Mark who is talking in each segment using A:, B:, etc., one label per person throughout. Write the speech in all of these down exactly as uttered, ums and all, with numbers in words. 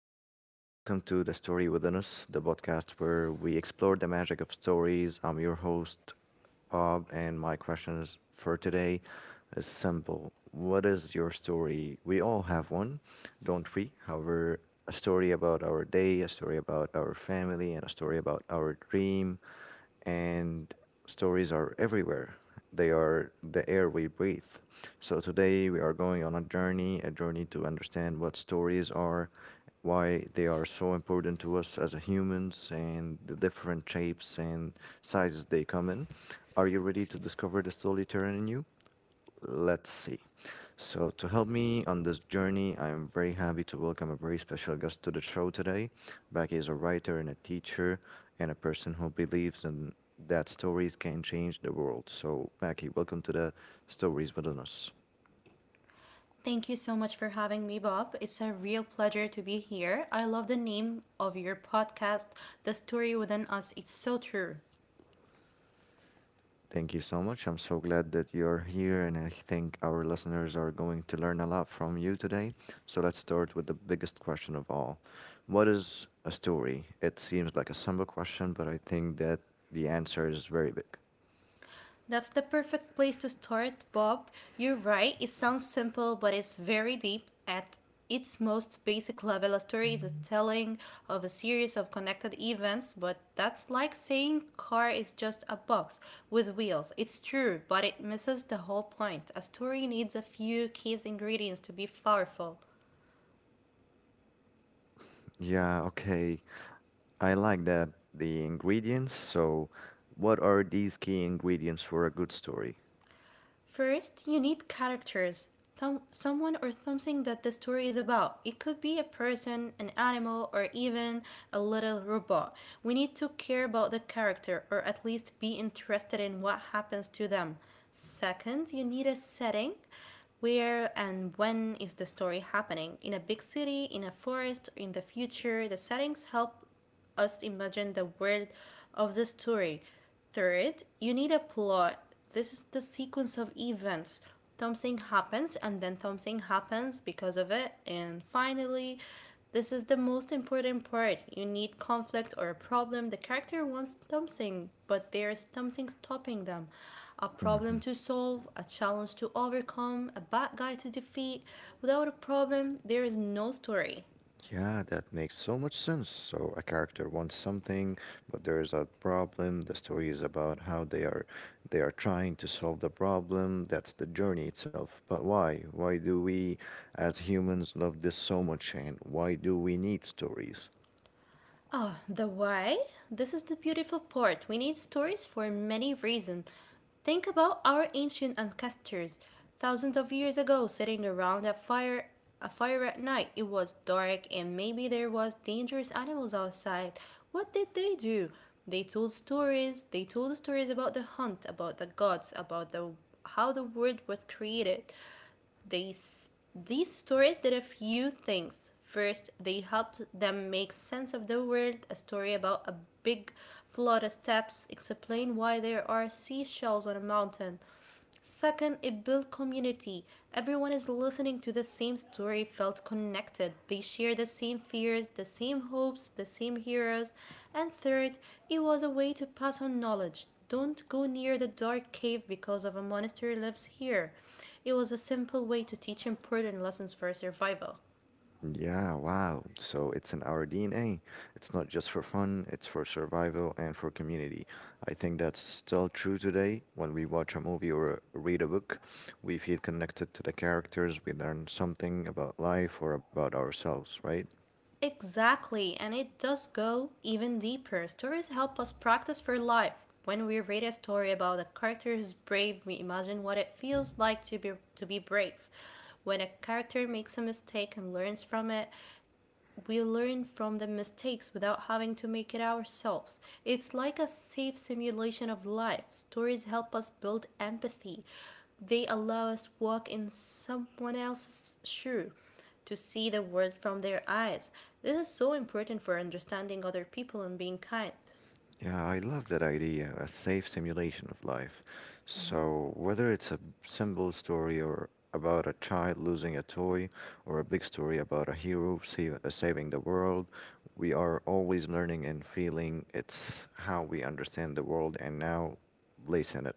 A: hello and welcome to The Story Within Us, the podcast where we explore the magic of stories. I'm your host, Bob, and my questions for today is simple. What is your story? We all have one, don't we? However, a story about our day, a story about our family, and a story about our dream and stories are everywhere. They are the air we breathe. So today we are going on a journey, a journey to understand what stories are, why they are so important to us as a humans, and the different shapes and sizes they come in. Are you ready to discover the storyteller in you? Let's see. So, to help me on this journey, I am very happy to welcome a very special guest to the show today. Becky is a writer and a teacher and a person who believes in that stories can change the world. So, Becky, welcome to the Stories with Us.
B: Thank you so much for having me, Bob. It's a real pleasure to be here. I love the name of your podcast, The Story Within Us. It's so true.
A: Thank you so much. I'm so glad that you're here, and I think our listeners are going to learn a lot from you today. So, let's start with the biggest question of all. What is a story? It seems like a simple question, but I think that the answer is very big.
B: That's the perfect place to start, Bob. You're right, it sounds simple, but it's very deep at its most basic level. A story is a telling of a series of connected events, but that's like saying car is just a box with wheels. It's true, but it misses the whole point. A story needs a few key ingredients to be powerful.
A: Yeah, okay. I like that. The ingredients. So, what are these key ingredients for a good story?
B: First, you need characters. Thom- someone or something that the story is about. It could be a person, an animal, or even a little robot. We need to care about the character or at least be interested in what happens to them. Second, you need a setting. Where and when is the story happening? In a big city, in a forest, in the future? The settings help us imagine the world of the story. Third, you need a plot. This is the sequence of events. Something happens and then something happens because of it. And finally, this is the most important part. You need conflict or a problem. The character wants something, but there is something stopping them. A problem
A: Hmm.
B: to solve, a challenge to overcome, a bad guy to defeat. Without a problem, there is no story.
A: Yeah, that makes so much sense. So, a character wants something, but there is a problem. The story is about how they are they are trying to solve the problem. That's the journey itself. But why? Why do we as humans love this so much, and why do we need stories?
B: Oh, the why? This is the beautiful part. We need stories for many reasons. Think about our ancient ancestors, thousands of years ago, sitting around a fire a fire at night. It was dark and maybe there was dangerous animals outside. What did they do? They told stories. They told stories about the hunt, about the gods, about the how the world was created. These, these stories did a few things. First, they helped them make sense of the world. A story about a big flood of steps explained why there are seashells on a mountain. Second, it built community. Everyone is listening to the same story, felt connected. They share the same fears, the same hopes, the same heroes. And third, it was a way to pass on knowledge. Don't go near the dark cave because of a monster lives here. It was a simple way to teach important lessons for survival.
A: Yeah, wow. So it's in our D N A. It's not just for fun, it's for survival and for community. I think that's still true today. When we watch a movie or read a book, we feel connected to the characters, we learn something about life or about ourselves, right?
B: Exactly, and it does go even deeper. Stories help us practice for life. When we read a story about a character who's brave, we imagine what it feels like to be to be brave. When a character makes a mistake and learns from it, we learn from the mistakes without having to make it ourselves. It's like a safe simulation of life. Stories help us build empathy. They allow us walk in someone else's shoe to see the world from their eyes. This is so important for understanding other people and being kind.
A: Yeah, I love that idea, a safe simulation of life. So, whether it's a simple story or about a child losing a toy, or a big story about a hero save, uh, saving the world, we are always learning and feeling. It's how we understand the world and now place in it.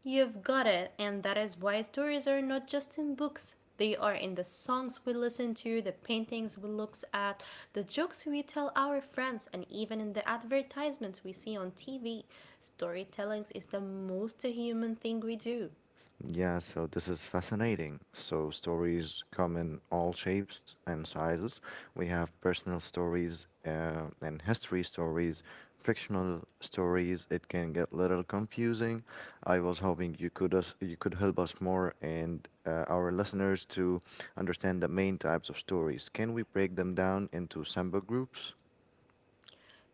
B: You've got it, and that is why stories are not just in books. They are in the songs we listen to, the paintings we look at, the jokes we tell our friends, and even in the advertisements we see on T V. Storytelling is the most human thing we do.
A: Yeah, so this is fascinating. So, stories come in all shapes and sizes. We have personal stories uh, and history stories, fictional stories. It can get a little confusing. I was hoping you could us you could help us more and uh, our listeners to understand the main types of stories. Can we break them down into sample groups?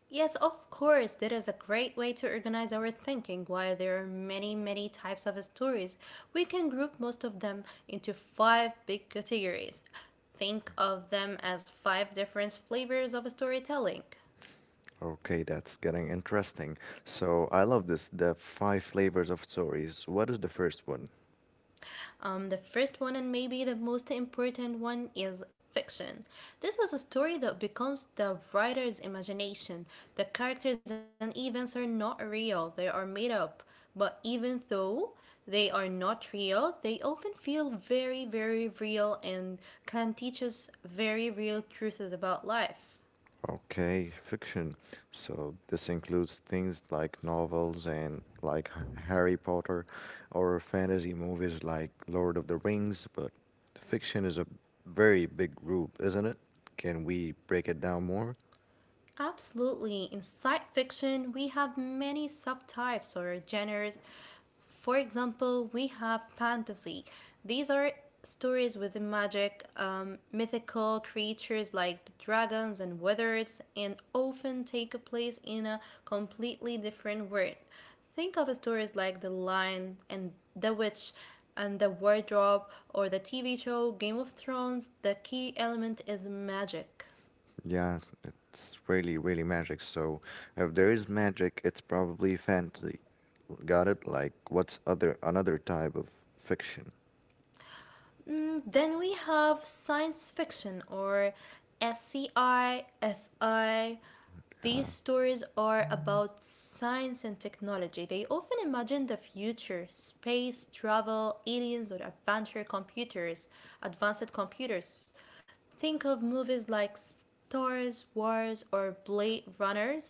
B: Yes, of course, that is a great way to organize our thinking. While there are many, many types of stories, we can group most of them into five big categories. Think of them as five different flavors of storytelling.
A: Okay, that's getting interesting. So, I love this, the five flavors of stories. What is the first one?
B: Um, the first one, and maybe the most important one, is fiction. This is a story that becomes the writer's imagination. The characters and events are not real, they are made up. But even though they are not real, they often feel very, very real and can teach us very real truths about life.
A: Okay, fiction. So this includes things like novels and like H- Harry Potter or fantasy movies like Lord of the Rings, but fiction is a very big group, isn't it? Can we break it down more?
B: Absolutely. In science fiction, we have many subtypes or genres. For example, we have fantasy. These are stories with magic, um, mythical creatures like dragons and wizards, and often take place in a completely different world. Think of stories like The Lion and The Witch and The Wardrobe or the T V show Game of Thrones. The key element is magic.
A: Yeah, it's it's really, really magic. So if there is magic, it's probably fantasy. Got it? Like what's other another type of fiction?
B: Mm, then we have science fiction or S C I, F I. These
A: Yeah.
B: stories are about science and technology. They often imagine the future space, travel, aliens, or adventure computers, advanced computers. Think of movies like Star Wars or Blade Runners.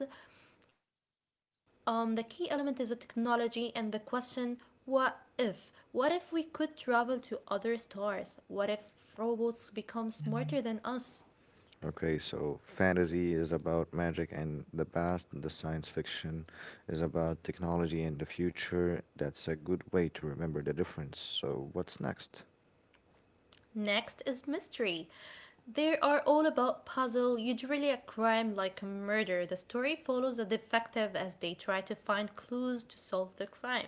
B: Um, the key element is the technology and the question what if? What if we could travel to other stars? What if robots become smarter than us?
A: Okay, so fantasy is about magic and the past, and the science fiction is about technology and the future. That's a good way to remember the difference. So, what's next?
B: Next is mystery. They are all about puzzle, usually a crime like a murder. The story follows a detective as they try to find clues to solve the crime.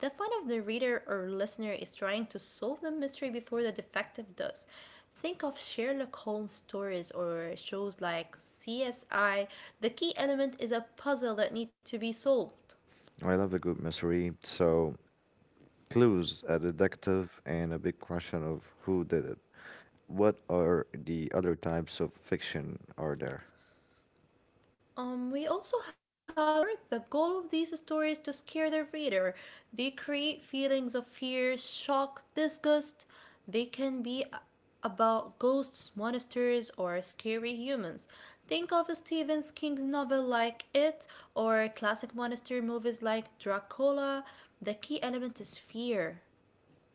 B: The fun of the reader or listener is trying to solve the mystery before the detective does. Think of Sherlock Holmes stories or shows like C S I. The key element is a puzzle that needs to be solved.
A: I love a good mystery. So, clues, a detective, and a big question of who did it. What are the other types of fiction are there?
B: Um, we also have horror. The goal of these stories is to scare the reader. They create feelings of fear, shock, disgust. They can be a- about ghosts, monsters, or scary humans. Think of Stephen King's novel like It or classic monster movies like Dracula. The key element is fear.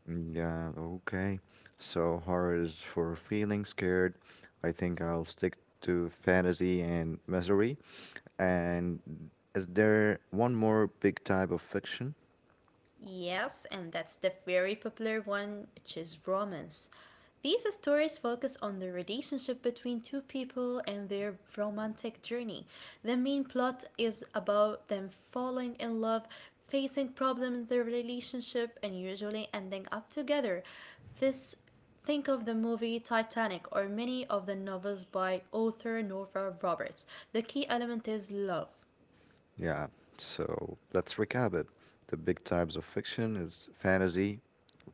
A: Mm, yeah, okay. So, horror is for feeling scared. I think I'll stick to fantasy and misery. And is there one more big type of fiction?
B: Yes, and that's the very popular one, which is romance. These stories focus on the relationship between two people and their romantic journey. The main plot is about them falling in love, facing problems in their relationship, and usually ending up together. This Think of the movie Titanic or many of the novels by author Nora Roberts. The key element is love.
A: Yeah, so let's recap it. The big types of fiction is fantasy,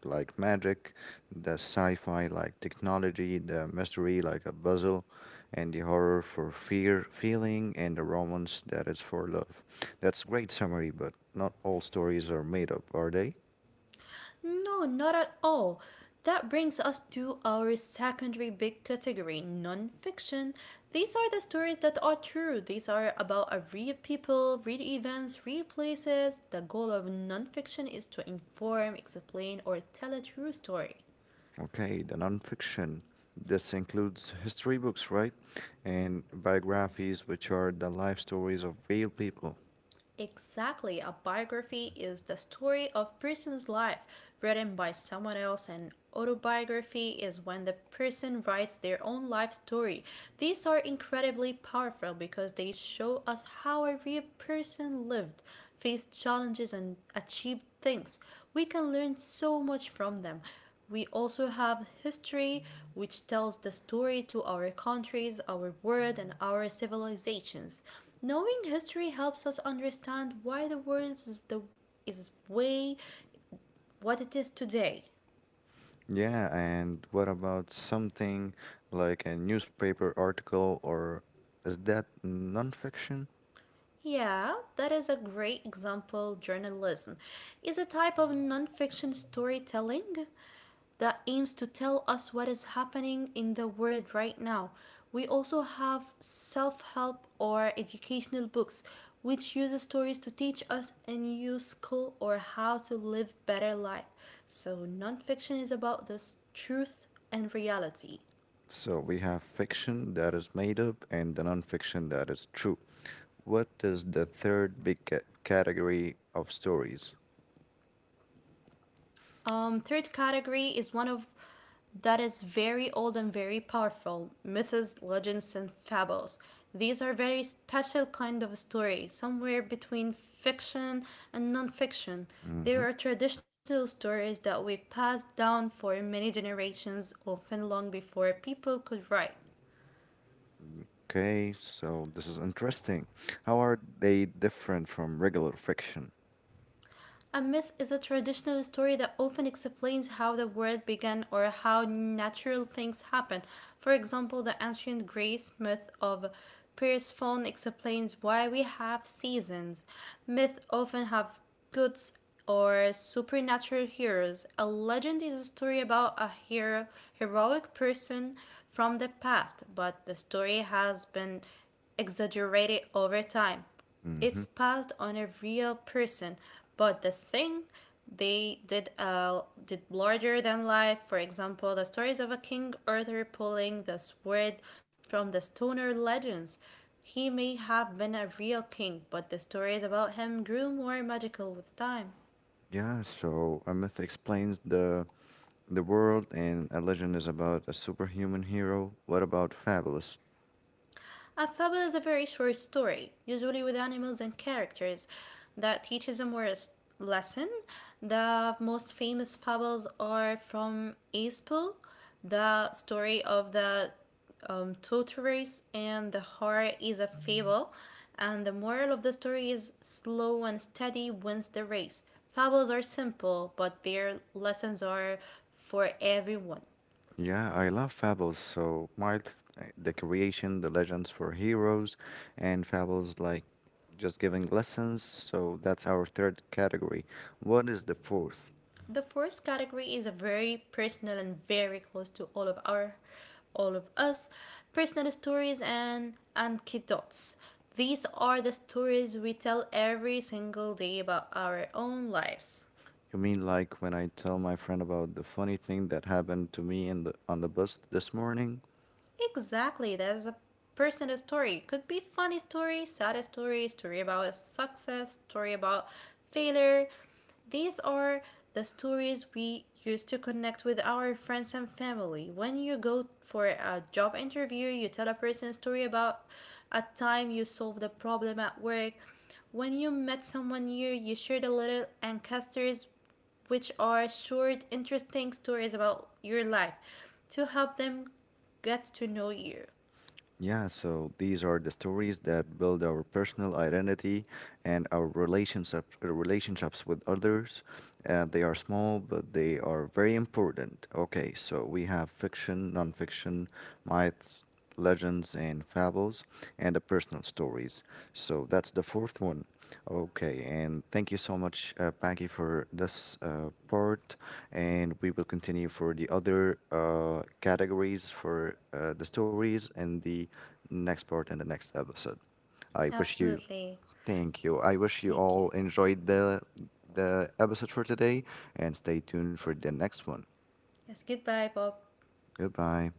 A: like magic, the sci-fi, like technology, the mystery, like a puzzle, and the horror for fear, feeling, and the romance that is for love. That's great summary, but not all stories are made up, are they?
B: No, not at all. That brings us to our secondary big category, nonfiction. These are the stories that are true. These are about uh, real people, real events, real places. The goal of nonfiction is to inform, explain, or tell a true story.
A: Okay, the nonfiction. This includes history books, right? And biographies, which are the life stories of real people.
B: Exactly, a biography is the story of person's life written by someone else and autobiography is when the person writes their own life story. These are incredibly powerful because they show us how a real person lived, faced challenges and achieved things. We can learn so much from them. We also have history, which tells the story to our countries, our world, and our civilizations. Knowing history helps us understand why the world is the is way what it is today.
A: Yeah, and what about something like a newspaper article, or is that nonfiction?
B: Yeah, that is a great example. Journalism is a type of nonfiction storytelling that aims to tell us what is happening in the world right now. We also have self-help or educational books which use stories to teach us a new skill or how to live better life. So non-fiction is about this truth and reality.
A: So we have fiction that is made up and the nonfiction that is true. What is the third big ca- category of stories?
B: Um, third category is one of that is very old and very powerful myths, legends, and fables. These are very special kind of story, somewhere between fiction and non-fiction. They
A: Mm-hmm.
B: are traditional stories that we passed down for many generations, often long before people could write.
A: Okay, so this is interesting. How are they different from regular fiction?
B: A myth is a traditional story that often explains how the world began or how natural things happen. For example, the ancient Greece myth of Persephone explains why we have seasons. Myths often have gods or supernatural heroes. A legend is a story about a hero, heroic person from the past, but the story has been exaggerated over time.
A: Hmm.
B: It's passed on a real person, but the thing they did uh, did larger than life. For example, the stories of a king Arthur pulling the sword from the stoner legends, he may have been a real king, but the stories about him grew more magical with time.
A: Yeah, so a myth explains the the world, and a legend is about a superhuman hero. What about Fabulous?
B: A fable is a very short story, usually with animals and characters, that teaches a moral s- lesson. The most famous fables are from Aesop, the story of the um, tortoise and the hare is a fable, and the moral of the story is slow and steady wins the race. Fables are simple, but their lessons are for everyone.
A: Yeah, I love Fabulous. So myth, uh, the creation, the legends for heroes, and Fabulous like just giving lessons. So that's our third category. What is the fourth?
B: The first category is a very personal and very close to all of our all of us personal stories and anecdotes. These are the stories we tell every single day about our own lives.
A: You mean like when I tell my friend about the funny thing that happened to me in the on the bus this morning?
B: Exactly, that is a personal story. Could be funny story, sad story, story about a success, story about failure. These are the stories we used to connect with our friends and family. When you go for a job interview, you tell a person a story about a time you solved a problem at work. When you met someone new, you shared a little ancestors, which are short, interesting stories about your life to help them get to know you.
A: Yeah, so these are the stories that build our personal identity and our relationships relationships with others. Uh, they are small, but they are very important. Okay, so we have fiction, nonfiction, myths, legends, and fables, and the personal stories. So that's the fourth one. Okay, and thank you so much, uh, Paki, for this uh, part. And we will continue for the other uh, categories for uh, the stories and the next part in the next episode. I wish you.
B: Absolutely.
A: Thank you. I wish you
B: Thank you.
A: all enjoyed the the episode for today and stay tuned for the next one.
B: Yes, goodbye, Bob.
A: Goodbye.